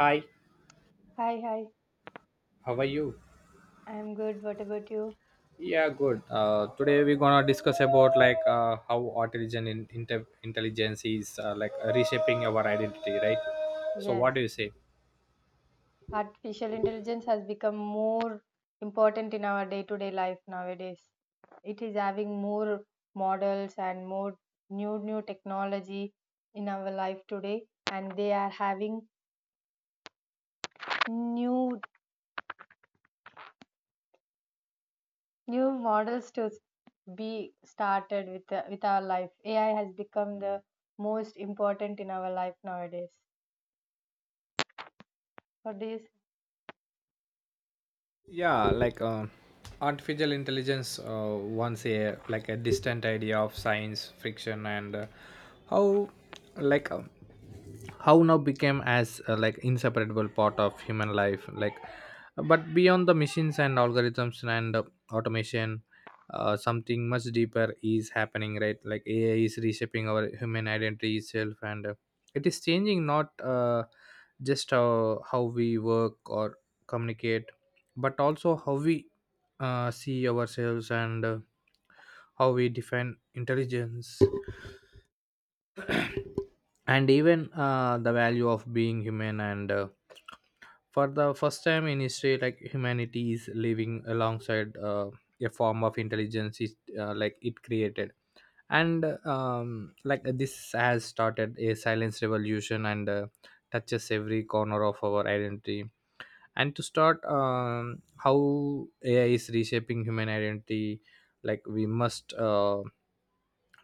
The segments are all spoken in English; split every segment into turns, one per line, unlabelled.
Hi,
Hi, hi.
how are you?
I'm good. What about you?
Yeah, good. Today we're gonna discuss about how artificial intelligence is like reshaping our identity, right? So, what
Yes.
do you say?
Artificial intelligence has become more important in our day-to-day life nowadays. It is having more models and more new technology in our life today, and they are having new new models to s- be started with our life. AI has become the most important in our life nowadays. What do you say?
yeah like uh, Artificial intelligence, once a like a distant idea of science fiction, and how like um how now became as like inseparable part of human life, like but beyond the machines and algorithms and automation, something much deeper is happening, right? Like AI is reshaping our human identity itself, and it is changing not just how we work or communicate, but also how we see ourselves and how we define intelligence and even the value of being human. And for the first time in history, like humanity is living alongside a form of intelligence like it created. And like this has started a silence revolution and touches every corner of our identity. And to start, how AI is reshaping human identity, like we must uh,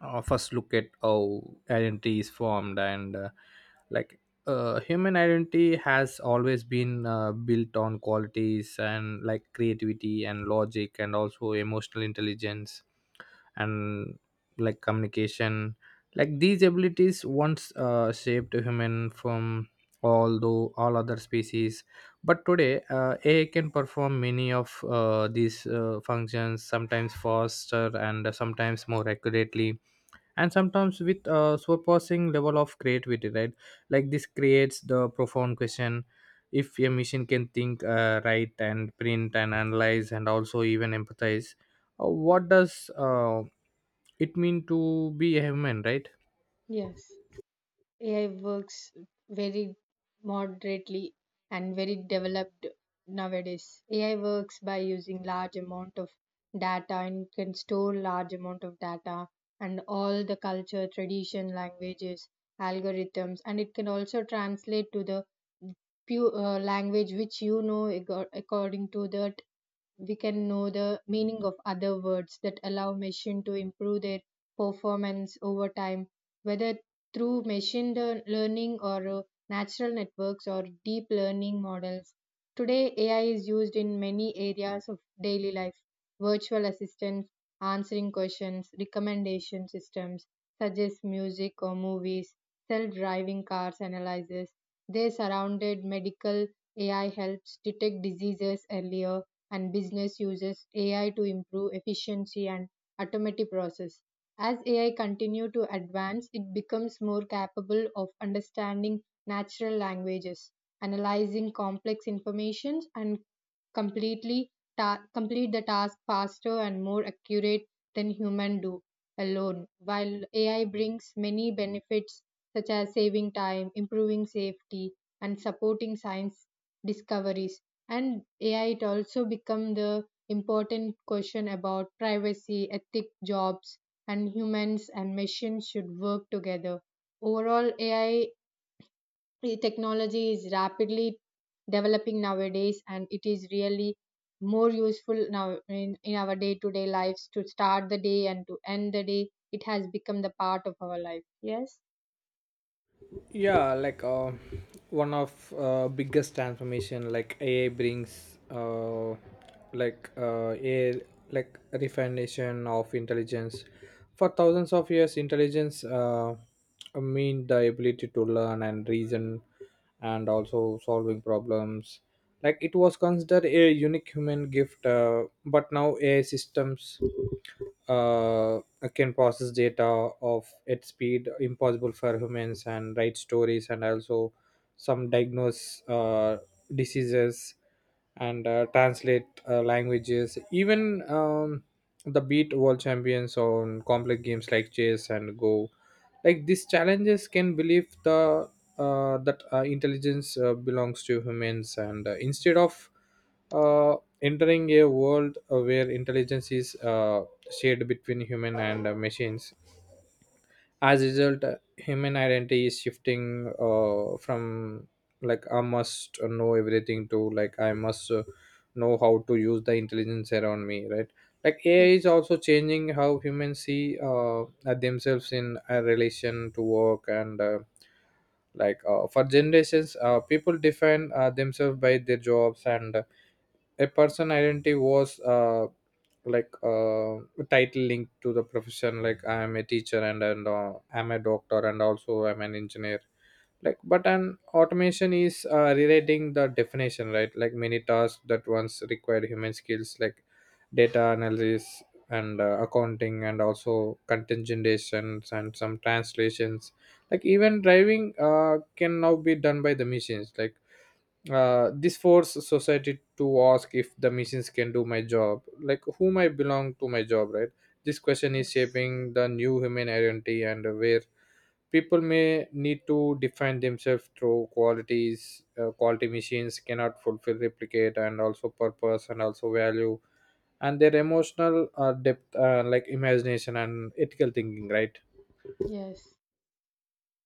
uh, first look at how identity is formed. And like human identity has always been built on qualities, and like creativity and logic and also emotional intelligence and like communication. Like these abilities once shaped human from although all other species, but today AI can perform many of these functions, sometimes faster and sometimes more accurately, and sometimes with a surpassing level of creativity, right? Like this creates the profound question, if a machine can think, write and print and analyze and also even empathize, what does it mean to be a human, right?
Yes. AI works very moderately and very developed nowadays. AI works by using large amount of data and can store large amount of data and all the culture, tradition, languages, algorithms, and it can also translate to the pure language which you know according to that we can know the meaning of other words that allow machine to improve their performance over time whether through machine learning or natural networks or deep learning models. Today AI is used in many areas of daily life: virtual assistants answering questions, recommendation systems suggest music or movies, self-driving cars analyzes they surrounded, medical AI helps detect diseases earlier, and business uses AI to improve efficiency and automatic process. As AI continue to advance, it becomes more capable of understanding natural languages, analyzing complex information and completely complete the task faster and more accurate than human do alone. While AI brings many benefits such as saving time, improving safety, and supporting science discoveries, and ai it also become the important question about privacy, ethic, jobs, and humans and machines should work together. Overall, AI technology is rapidly developing nowadays and it is really more useful now in our day-to-day lives. To start the day and to end the day, it has become the part of our life. yes
yeah like uh, One of biggest transformation like AI brings, like uh, a I, like refination of intelligence. For thousands of years intelligence mean the ability to learn and reason and also solving problems. Like it was considered a unique human gift, but now AI systems uh, can process data of at speed impossible for humans, and write stories and also some diagnose diseases and translate languages. Even, the beat world champions on complex games like chess and Go, like these challenges can believe the that intelligence belongs to humans, and instead of uh, entering a world where intelligence is shared between human and machines. As a result, human identity is shifting from like I must know everything to like I must know how to use the intelligence around me, right? Like AI is
Yes,
also changing how humans see at themselves in a relation to work. And for generations, people define themselves by their jobs. And a person identity was like uh, title linked to the profession, like I am a teacher and I'm a doctor and also I'm an engineer. Like but an automation is rewriting the definition, right? Like many tasks that once required human skills, like data analysis and accounting and also contingentations and some translations, like even driving can now be done by the machines. Like this forces society to ask, if the machines can do my job, like whom I belong to my job, right? This question is
yes.
shaping the new human identity, and where people may need to define themselves through qualities, quality machines cannot fulfill, replicate, and also purpose and also value and their emotional depth, like imagination and ethical thinking, right?
yes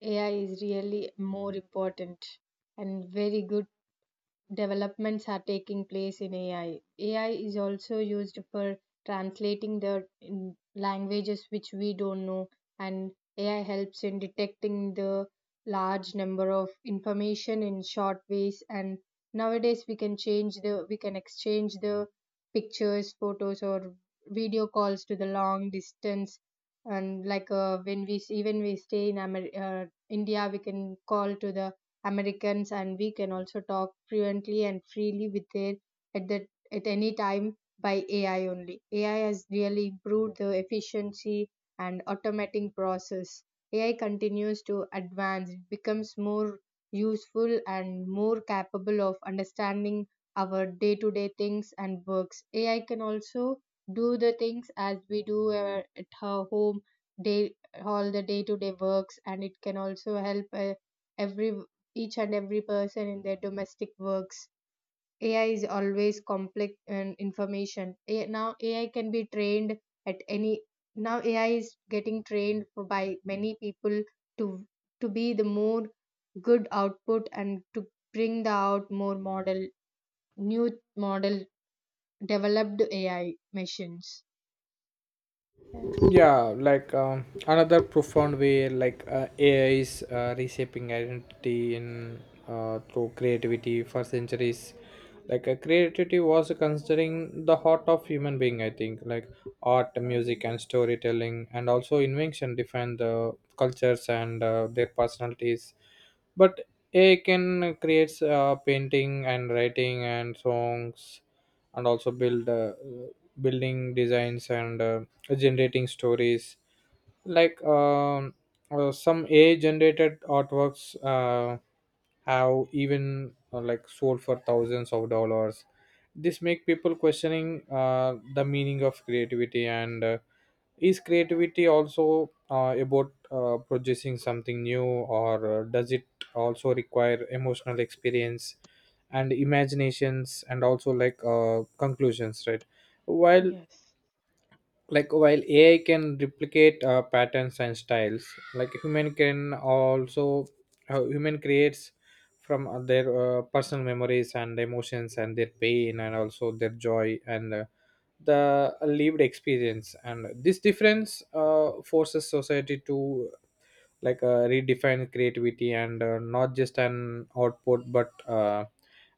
AI is really more important and very good developments are taking place in AI. AI is also used for translating the languages which we don't know, and AI helps in detecting the large number of information in short ways. And nowadays, we can exchange the pictures, photos, or video calls to the long distance. And even we stay in India, we can call to the Americans and we can also talk fluently and freely with their at that at any time by AI only. AI has really improved the efficiency and automating process. AI continues to advance, it becomes more useful and more capable of understanding our day to day things and works. AI can also do the things as we do at her home day all the day to day works, and it can also help every each and every person in their domestic works. AI is always complex and information. Now AI can be trained at any. Now AI is getting trained for, by many people to to be the more good output and to bring the out more model new model developed AI machines. Yes.
Another profound way like AI is reshaping identity in through creativity. For centuries, creativity was considering the heart of human being, I think, like art, music, and storytelling, and also invention define the cultures and their personalities. But AI can create painting and writing and songs, and also build building designs and generating stories. like um, some AI generated artworks have even like sold for thousands of dollars. This make people questioning the meaning of creativity. And is creativity also about producing something new, or does it also require emotional experience and imaginations and also conclusions, right? while
Yes.
Like while AI can replicate patterns and styles, like human can also human creates from their personal memories and emotions and their pain and also their joy and the lived experience. And this difference forces society to redefine creativity, and not just an output but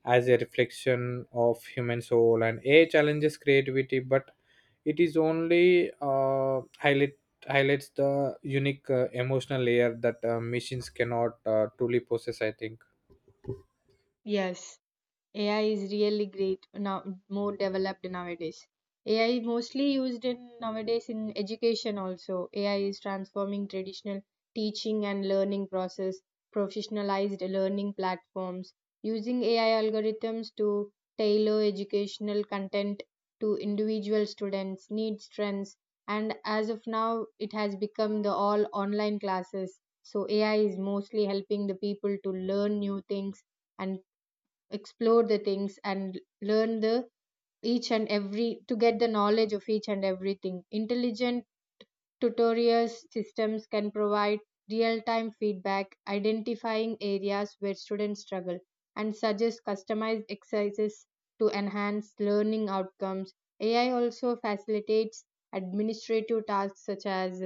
as a reflection of human soul and a challenges creativity, but it is only highlights the unique emotional layer that machines cannot truly possess, I think.
Yes. AI is really great now, more developed nowadays. AI mostly used in nowadays in education also. AI is transforming traditional teaching and learning process, professionalized learning platforms, using AI algorithms to tailor educational content to individual students' needs, strengths, and as of now, it has become the all online classes. So AI is mostly helping the people to learn new things and explore the things and learn the each and every to get the knowledge of each and everything. Intelligent tutorial systems can provide real time feedback, identifying areas where students struggle, and suggest customized exercises to enhance learning outcomes. AI also facilitates administrative tasks such as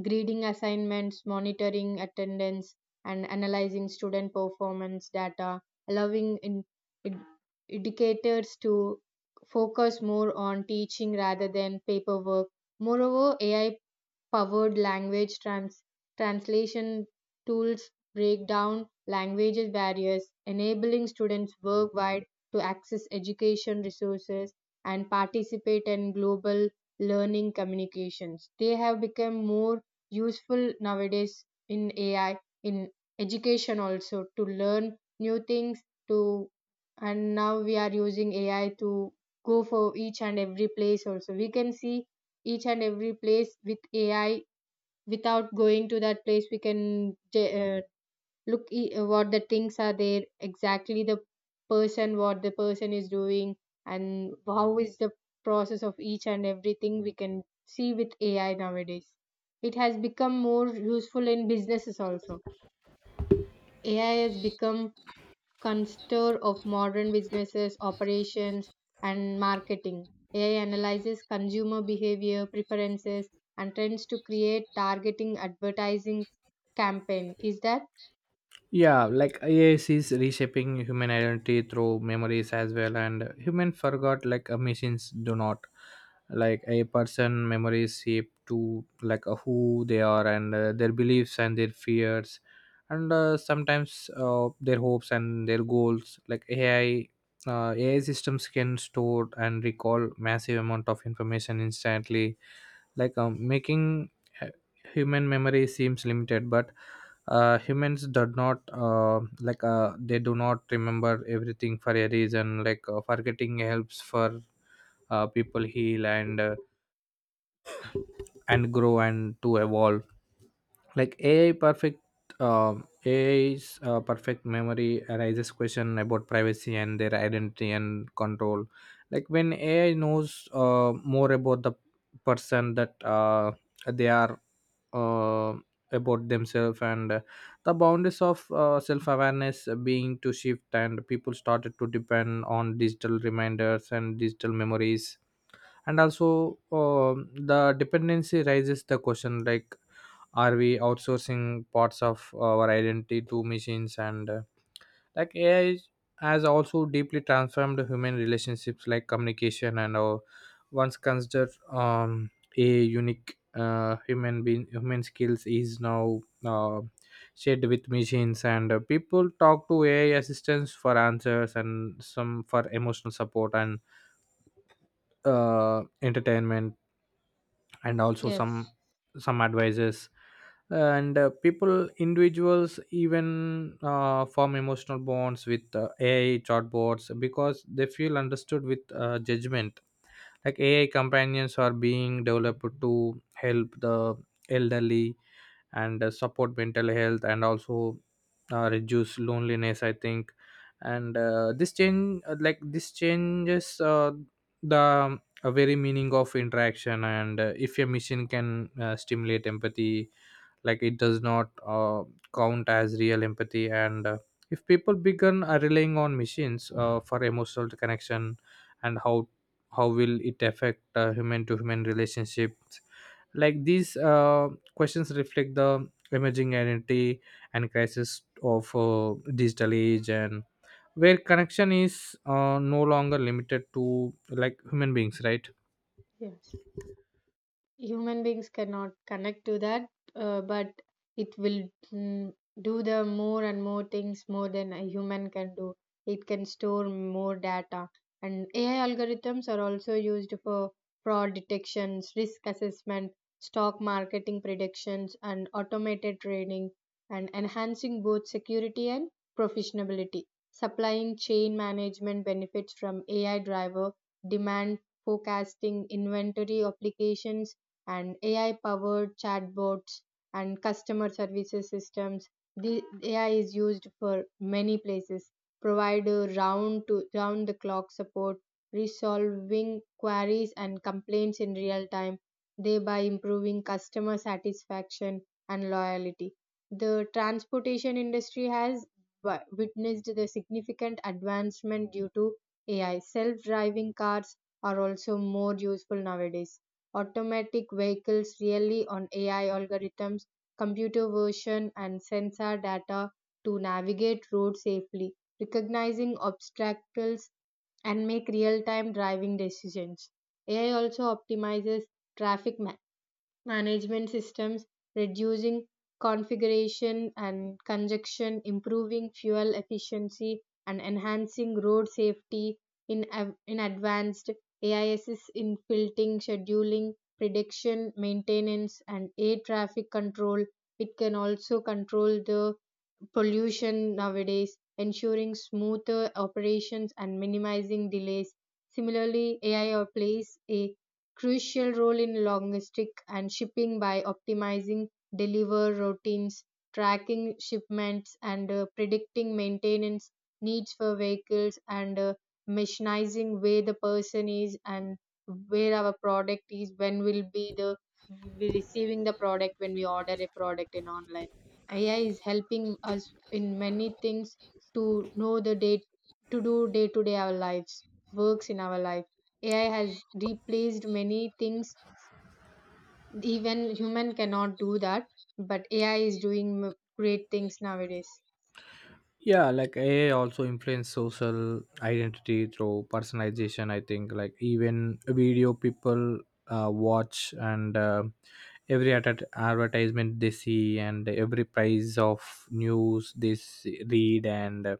grading assignments, monitoring attendance, and analyzing student performance data, allowing ed- educators to focus more on teaching rather than paperwork. Moreover, AI powered translation tools break down language barriers, enabling students worldwide to access education resources and participate in global learning communications. They have become more useful nowadays in AI, in education also, to learn new things, to and now we are using AI to go for each and every place also. We can see each and every place with AI without going to that place. We can uh, what the things are there, exactly the person what the person is doing and how is the process of each and everything we can see with AI nowadays. It has become more useful in businesses also. AI has become contour of modern businesses, operations, and marketing. AI analyzes consumer behavior, preferences, and trends to create targeting advertising campaign. Is that?
Yeah, like AIS is reshaping human identity through memories as well, and human forgot like machines do not. Like a person memories shape to who they are and their beliefs and their fears, and sometimes their hopes and their goals. Like AI systems can store and recall massive amount of information instantly, making hu- human memory seems limited. But humans do not, they do not remember everything for a reason, forgetting helps for people heal and grow and to evolve. like ai perfect AI's perfect memory raises question about privacy and their identity and control. Like when AI knows more about the person that they are uh, about themselves, and the boundaries of self-awareness being to shift, and people started to depend on digital reminders and digital memories. And also, the dependency raises the question, like are we outsourcing parts of our identity to machines? And like has also deeply transformed human relationships, like communication. And once considered a unique human skills, is now uh, shared with machines. And people talk to AI assistants for answers, and some for emotional support, and entertainment, and also some
Yes,
some advices. And people, individuals even form emotional bonds with AI chatbots because they feel understood with judgment. Like AI companions are being developed to help the elderly, and support mental health, and also reduce loneliness, I think. And this change like this changes the a very meaning of interaction. And if a machine can stimulate empathy, like it does not count as real empathy. And if people begin relying on machines for emotional connection, and how will it affect human to human relationships? Like these questions reflect the emerging identity and crisis of digital age, and where connection is no longer limited to like human beings, right?
yes. Human beings cannot connect to that but it will mm, do the more and more things more than a human can do. It can store more data, and AI algorithms are also used for fraud detections, risk assessment, stock marketing predictions and automated trading, and enhancing both security and professionality. Supplying chain management benefits from AI driver demand forecasting inventory applications and AI powered chatbots and customer services systems. The AI is used for many places, provide a round to round the clock support, resolving queries and complaints in real time, thereby improving customer satisfaction and loyalty. The transportation industry has witnessed the significant advancement due to AI. Self driving cars are also more useful nowadays. Automatic vehicles rely on AI algorithms, computer vision, and sensor data to navigate roads safely, recognizing obstacles, and make real time driving decisions. AI also optimizes traffic ma- management systems, reducing configuration and congestion, improving fuel efficiency, and enhancing road safety in advanced AISs in filtering, scheduling, prediction, maintenance, and air traffic control. It can also control the pollution nowadays, ensuring smoother operations and minimizing delays. Similarly, AI plays a crucial role in logistics and shipping by optimizing deliver routines, tracking shipments, and predicting maintenance needs for vehicles, and machinizing where the person is and where our product is, when will be the we receiving the product when we order a product in online. AI is helping us in many things to know the day to do day to day our lives, works in our life. AI has replaced many things, even human cannot do that, but AI is doing great things nowadays.
AI also influence social identity through personalization, I think, like even video people watch, and every ad advertisement they see, and every price of news they read. And uh,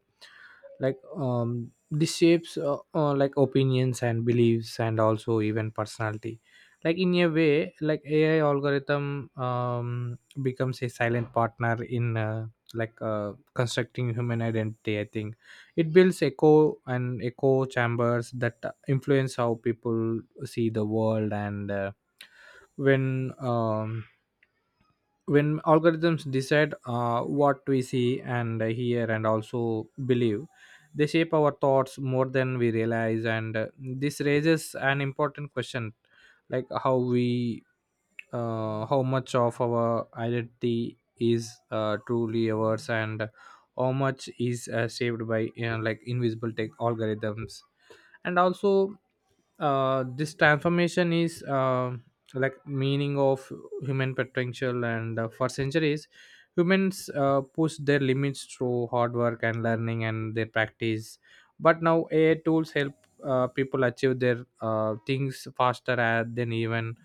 like um this shapes, like opinions and beliefs and also even personality. Like in a way, like AI algorithm becomes a silent partner in constructing human identity, I think. It builds echo chambers that influence how people see the world. And when um when algorithms decide what we see and hear and also believe, they shape our thoughts more than we realize. And this raises an important question, like how much of our identity is truly ours, and how much is shaped by, you know, like invisible tech algorithms. And also this transformation is like meaning of human potential. And for centuries, humans push their limits through hard work and learning and their practice. But now AI tools help people achieve their things faster than even.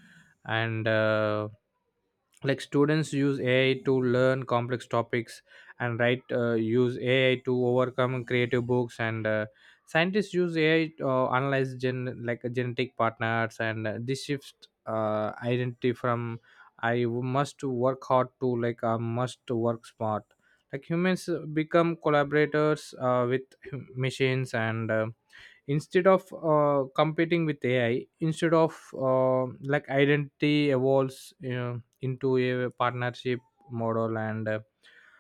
And like students use AI to learn complex topics, and write use AI to overcome creative books. And scientists use AI to analyze gen like genetic partners. And this shifts identity from I must work hard to like I must work smart. Like humans become collaborators with machines. And instead of competing with AI, instead of uh, like identity evolves, you know, into a partnership model. And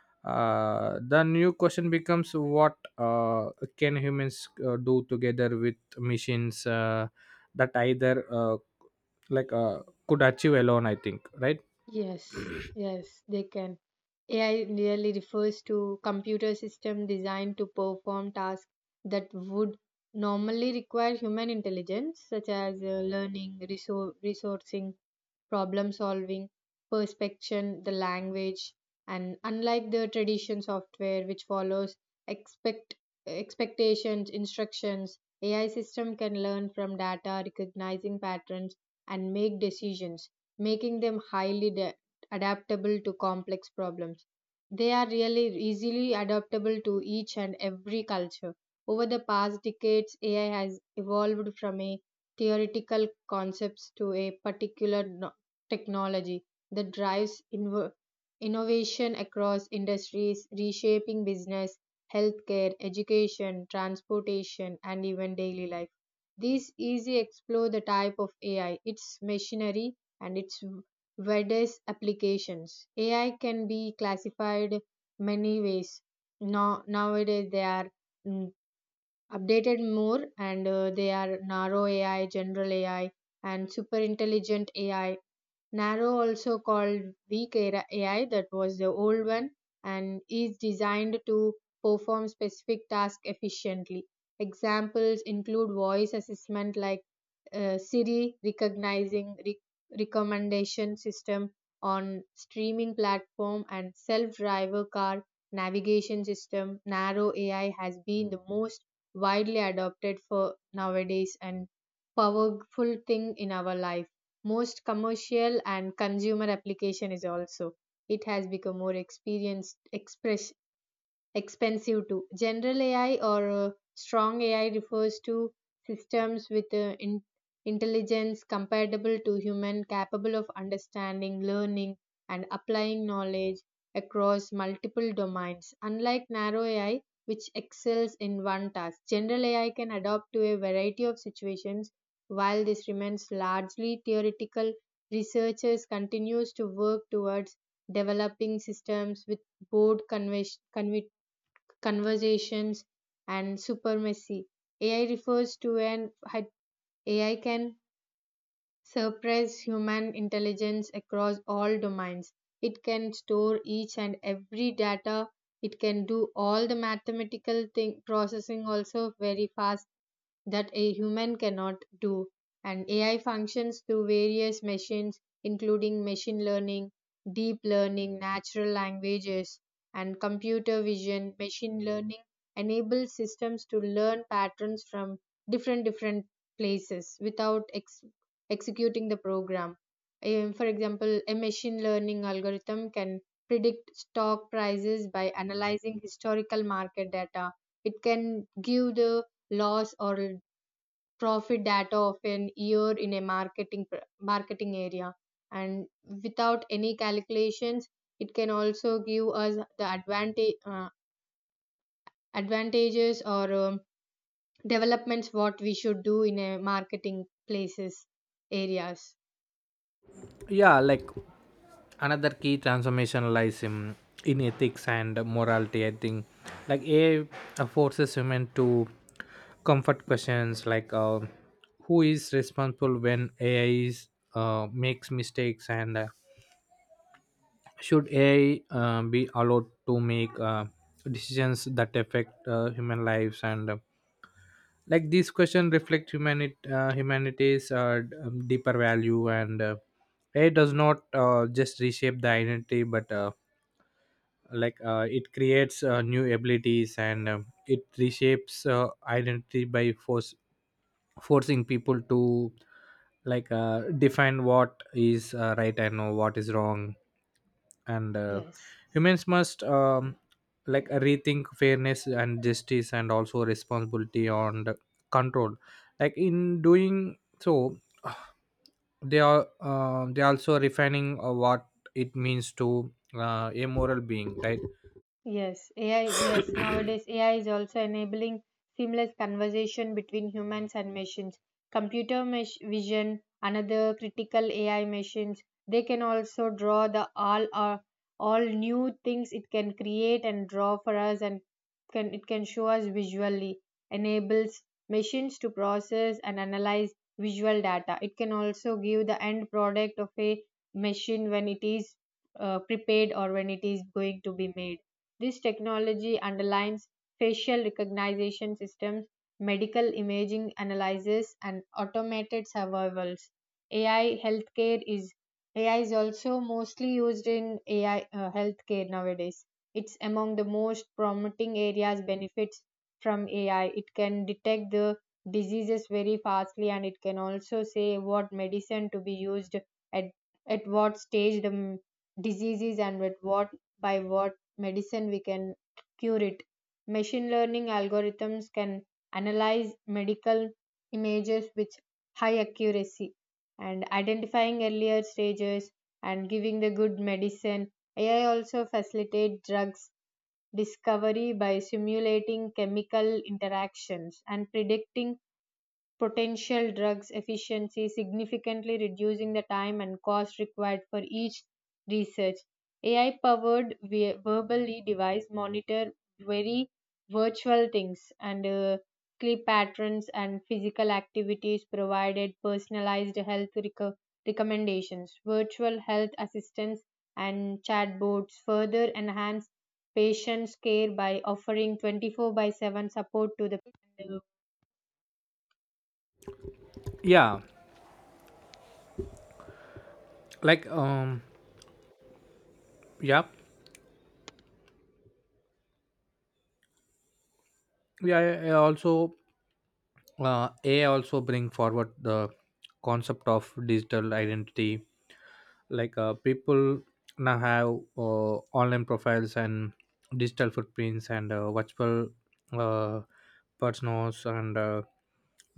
the new question becomes, what can humans do together with machines that either, like uh, could achieve alone, I think, right?
Yes, yes, they can. AI really refers to computer system designed to perform tasks that would normally require human intelligence, such as learning, resourcing, problem solving, perspection, the language, and unlike the tradition software which follows expect expectations, instructions, AI system can learn from data, recognizing patterns, and make decisions, making them adaptable to complex problems. They are really easily adaptable to each and every culture. Over the past decades, AI has evolved from a theoretical concepts to a particular no-, technology that drives innovation across industries, reshaping business, healthcare, education, transportation, and even daily life. These easy explore the type of AI, its machinery, and its widest applications. AI can be classified many ways. Now, nowadays, they are mm, updated more and they are narrow AI, general AI, and super intelligent AI. Nano, also called Weak AI, that was the old one, and is designed to perform specific tasks efficiently. Examples include voice assessment like Siri recommendation system on streaming platform and self-driver car navigation system. Narrow AI has been the most widely adopted for nowadays and powerful thing in our life. Most commercial and consumer application is also it has become more experienced express expensive too. General AI or strong AI refers to systems with intelligence comparable to human, capable of understanding, learning, and applying knowledge across multiple domains. Unlike narrow AI, which excels in one task, general AI can adapt to a variety of situations. While this remains largely theoretical, researchers continues to work towards developing systems with both conversations, and supremacy. AI refers to an AI can surpass human intelligence across all domains. It can store each and every data. It can do all the mathematical thing, processing also very fast that a human cannot do. And AI functions through various machines, including machine learning, deep learning, natural languages, and computer vision. Machine learning enables systems to learn patterns from different places without executing the program. For example, a machine learning algorithm can predict stock prices by analyzing historical market data. It can give the loss or profit data of an year in a marketing area, and without any calculations it can also give us the advantage advantages or developments what we should do in a marketing places areas.
yeah like Another key transformation lies in ethics and morality, I think. Like AI forces women to comfort questions, like who is responsible when AI makes mistakes? And should AI be allowed to make decisions that affect human lives? And like these questions reflect humanity's deeper value. And AI does not just reshape the identity, but it creates new abilities. And it reshapes identity by force forcing people to define what is right, and no, what is wrong. And
Yes.
humans must rethink fairness and justice and also responsibility and control. Like in doing so, they are, they also refining what it means to a moral being, right?
Yes, AI, yes, nowadays AI is also enabling seamless conversation between humans and machines. Vision, another critical AI machines, they can also draw the all new things it can create and draw for us and can it can show us visually, enables machines to process and analyze visual data. It can also give the end product of a machine when it is prepared or when it is going to be made. This technology underlines facial recognition systems, medical imaging analysis, and automated survivals. AI healthcare is AI is also mostly used in AI healthcare nowadays. It's among the most promising areas benefits from AI. It can detect the diseases very fastly and it can also say what medicine to be used at at what stage the disease is and with what by what medicine we can cure it. Machine learning algorithms can analyze medical images with high accuracy and identifying earlier stages and giving the good medicine. AI also facilitate drugs discovery by simulating chemical interactions and predicting potential drugs efficiency, significantly reducing the time and cost required for each research. AI powered verbally device monitor very virtual things and sleep patterns and physical activities provided personalized health recommendations, virtual health assistants and chatbots further enhance patients care by offering 24 by 7 support to the
yeah like um yup. yeah yeah I also AI also bring forward the concept of digital identity. Like people now have uh, online profiles and digital footprints, and virtual uh, personas. And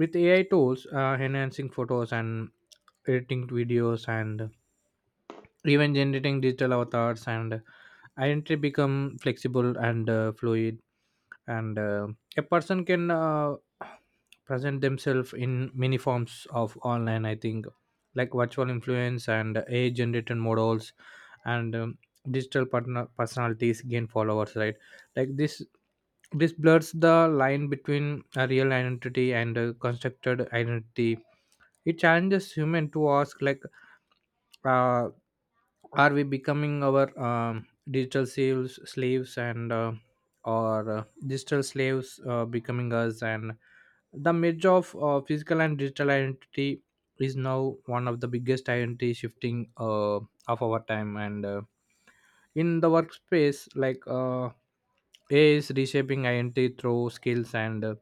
with AI tools enhancing photos and editing videos and even generating digital avatars, and identity become flexible and fluid. And a person can present themselves in many forms of online, I think. Like virtual influence and AI generated models and, digital partner personalities gain followers, right? like this this blurs the line between a real identity and a constructed identity. It challenges human to ask, like uh, are we becoming our, digital slaves? And or digital slaves becoming us? And the merge of physical and digital identity is now one of the biggest identity shifting of our time. And in the workspace, AI is reshaping identity through skills. And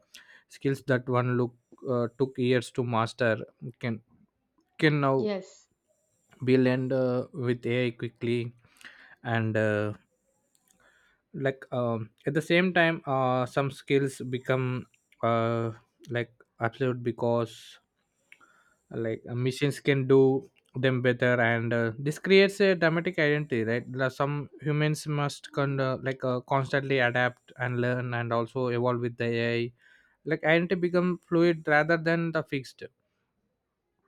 skills that one look took years to master, can can now
yes
we'll end with AI quickly. And at the same time, some skills become uh, like absolute because machines can do them better. And this creates a dramatic identity, right? There are some humans must constantly adapt and learn and also evolve with the AI. Like identity become fluid rather than the fixed.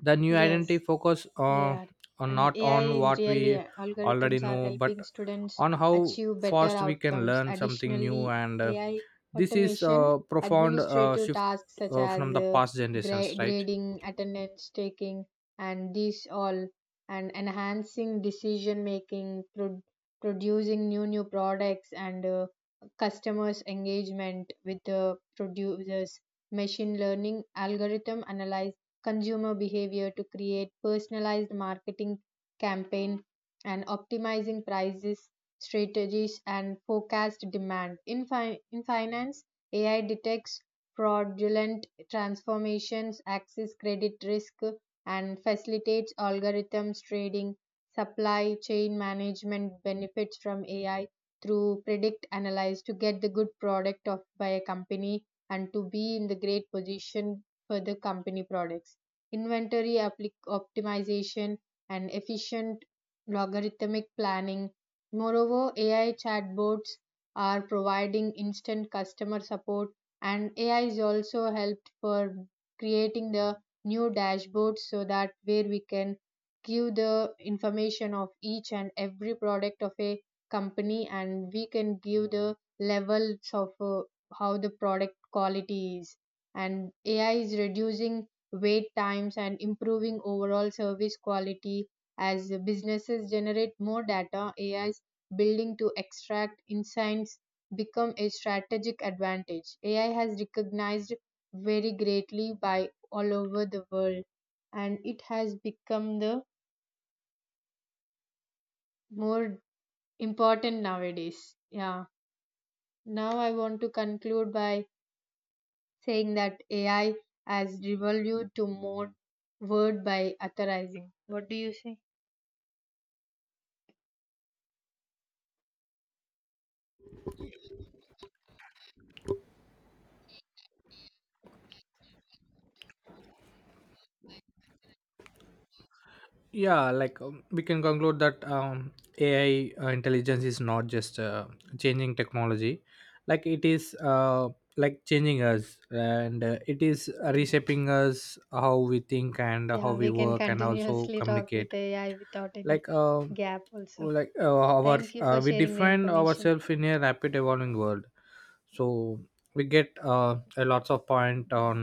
The new identity
yes.
focus
They are.
on
And
not
AI
on
is
what
really
we already
algorithms are
know, but
helping students
on how
achieve better
fast we can
outcomes.
learn something new.
Additionally,
And
in AI
this is
automation,
a profound
administrative
shift
tasks such as
from the past generations, right?
grading, attendance taking, and these all, and enhancing decision making, producing new products, and customers engagement with the producers. Machine learning algorithm analyze consumer behavior to create personalized marketing campaign and optimizing prices strategies and forecast demand in finance. AI detects fraudulent transformations access credit risk and facilitates algorithms trading. Supply chain management benefits from AI through predict analyze to get the good product of by a company and to be in the great position for the company products, optimization, and efficient logarithmic planning. Moreover, AI chatbots are providing instant customer support, and AI is also helped for creating the new dashboards so that where we can give the information of each and every product of a company and we can give the levels of how the product quality is. And AI is reducing wait times and improving overall service quality. As businesses generate more data, AI's building to extract insights become a strategic advantage. AI has recognized very greatly by all over the world and it has become the more important nowadays. Yeah, now I want to conclude by saying that AI has revolved to more word by authorizing. What do you say?
We can conclude that, ai intelligence is not just changing technology, like it is like changing us. And it is reshaping us, how we think and how
Yeah,
we
we can
work and also
continuously talk
communicate.
with AI without any
like um
gap also.
our
Thank you for
we
sharing the
define
information.
ourselves in a rapid evolving world. So we get a lots of point on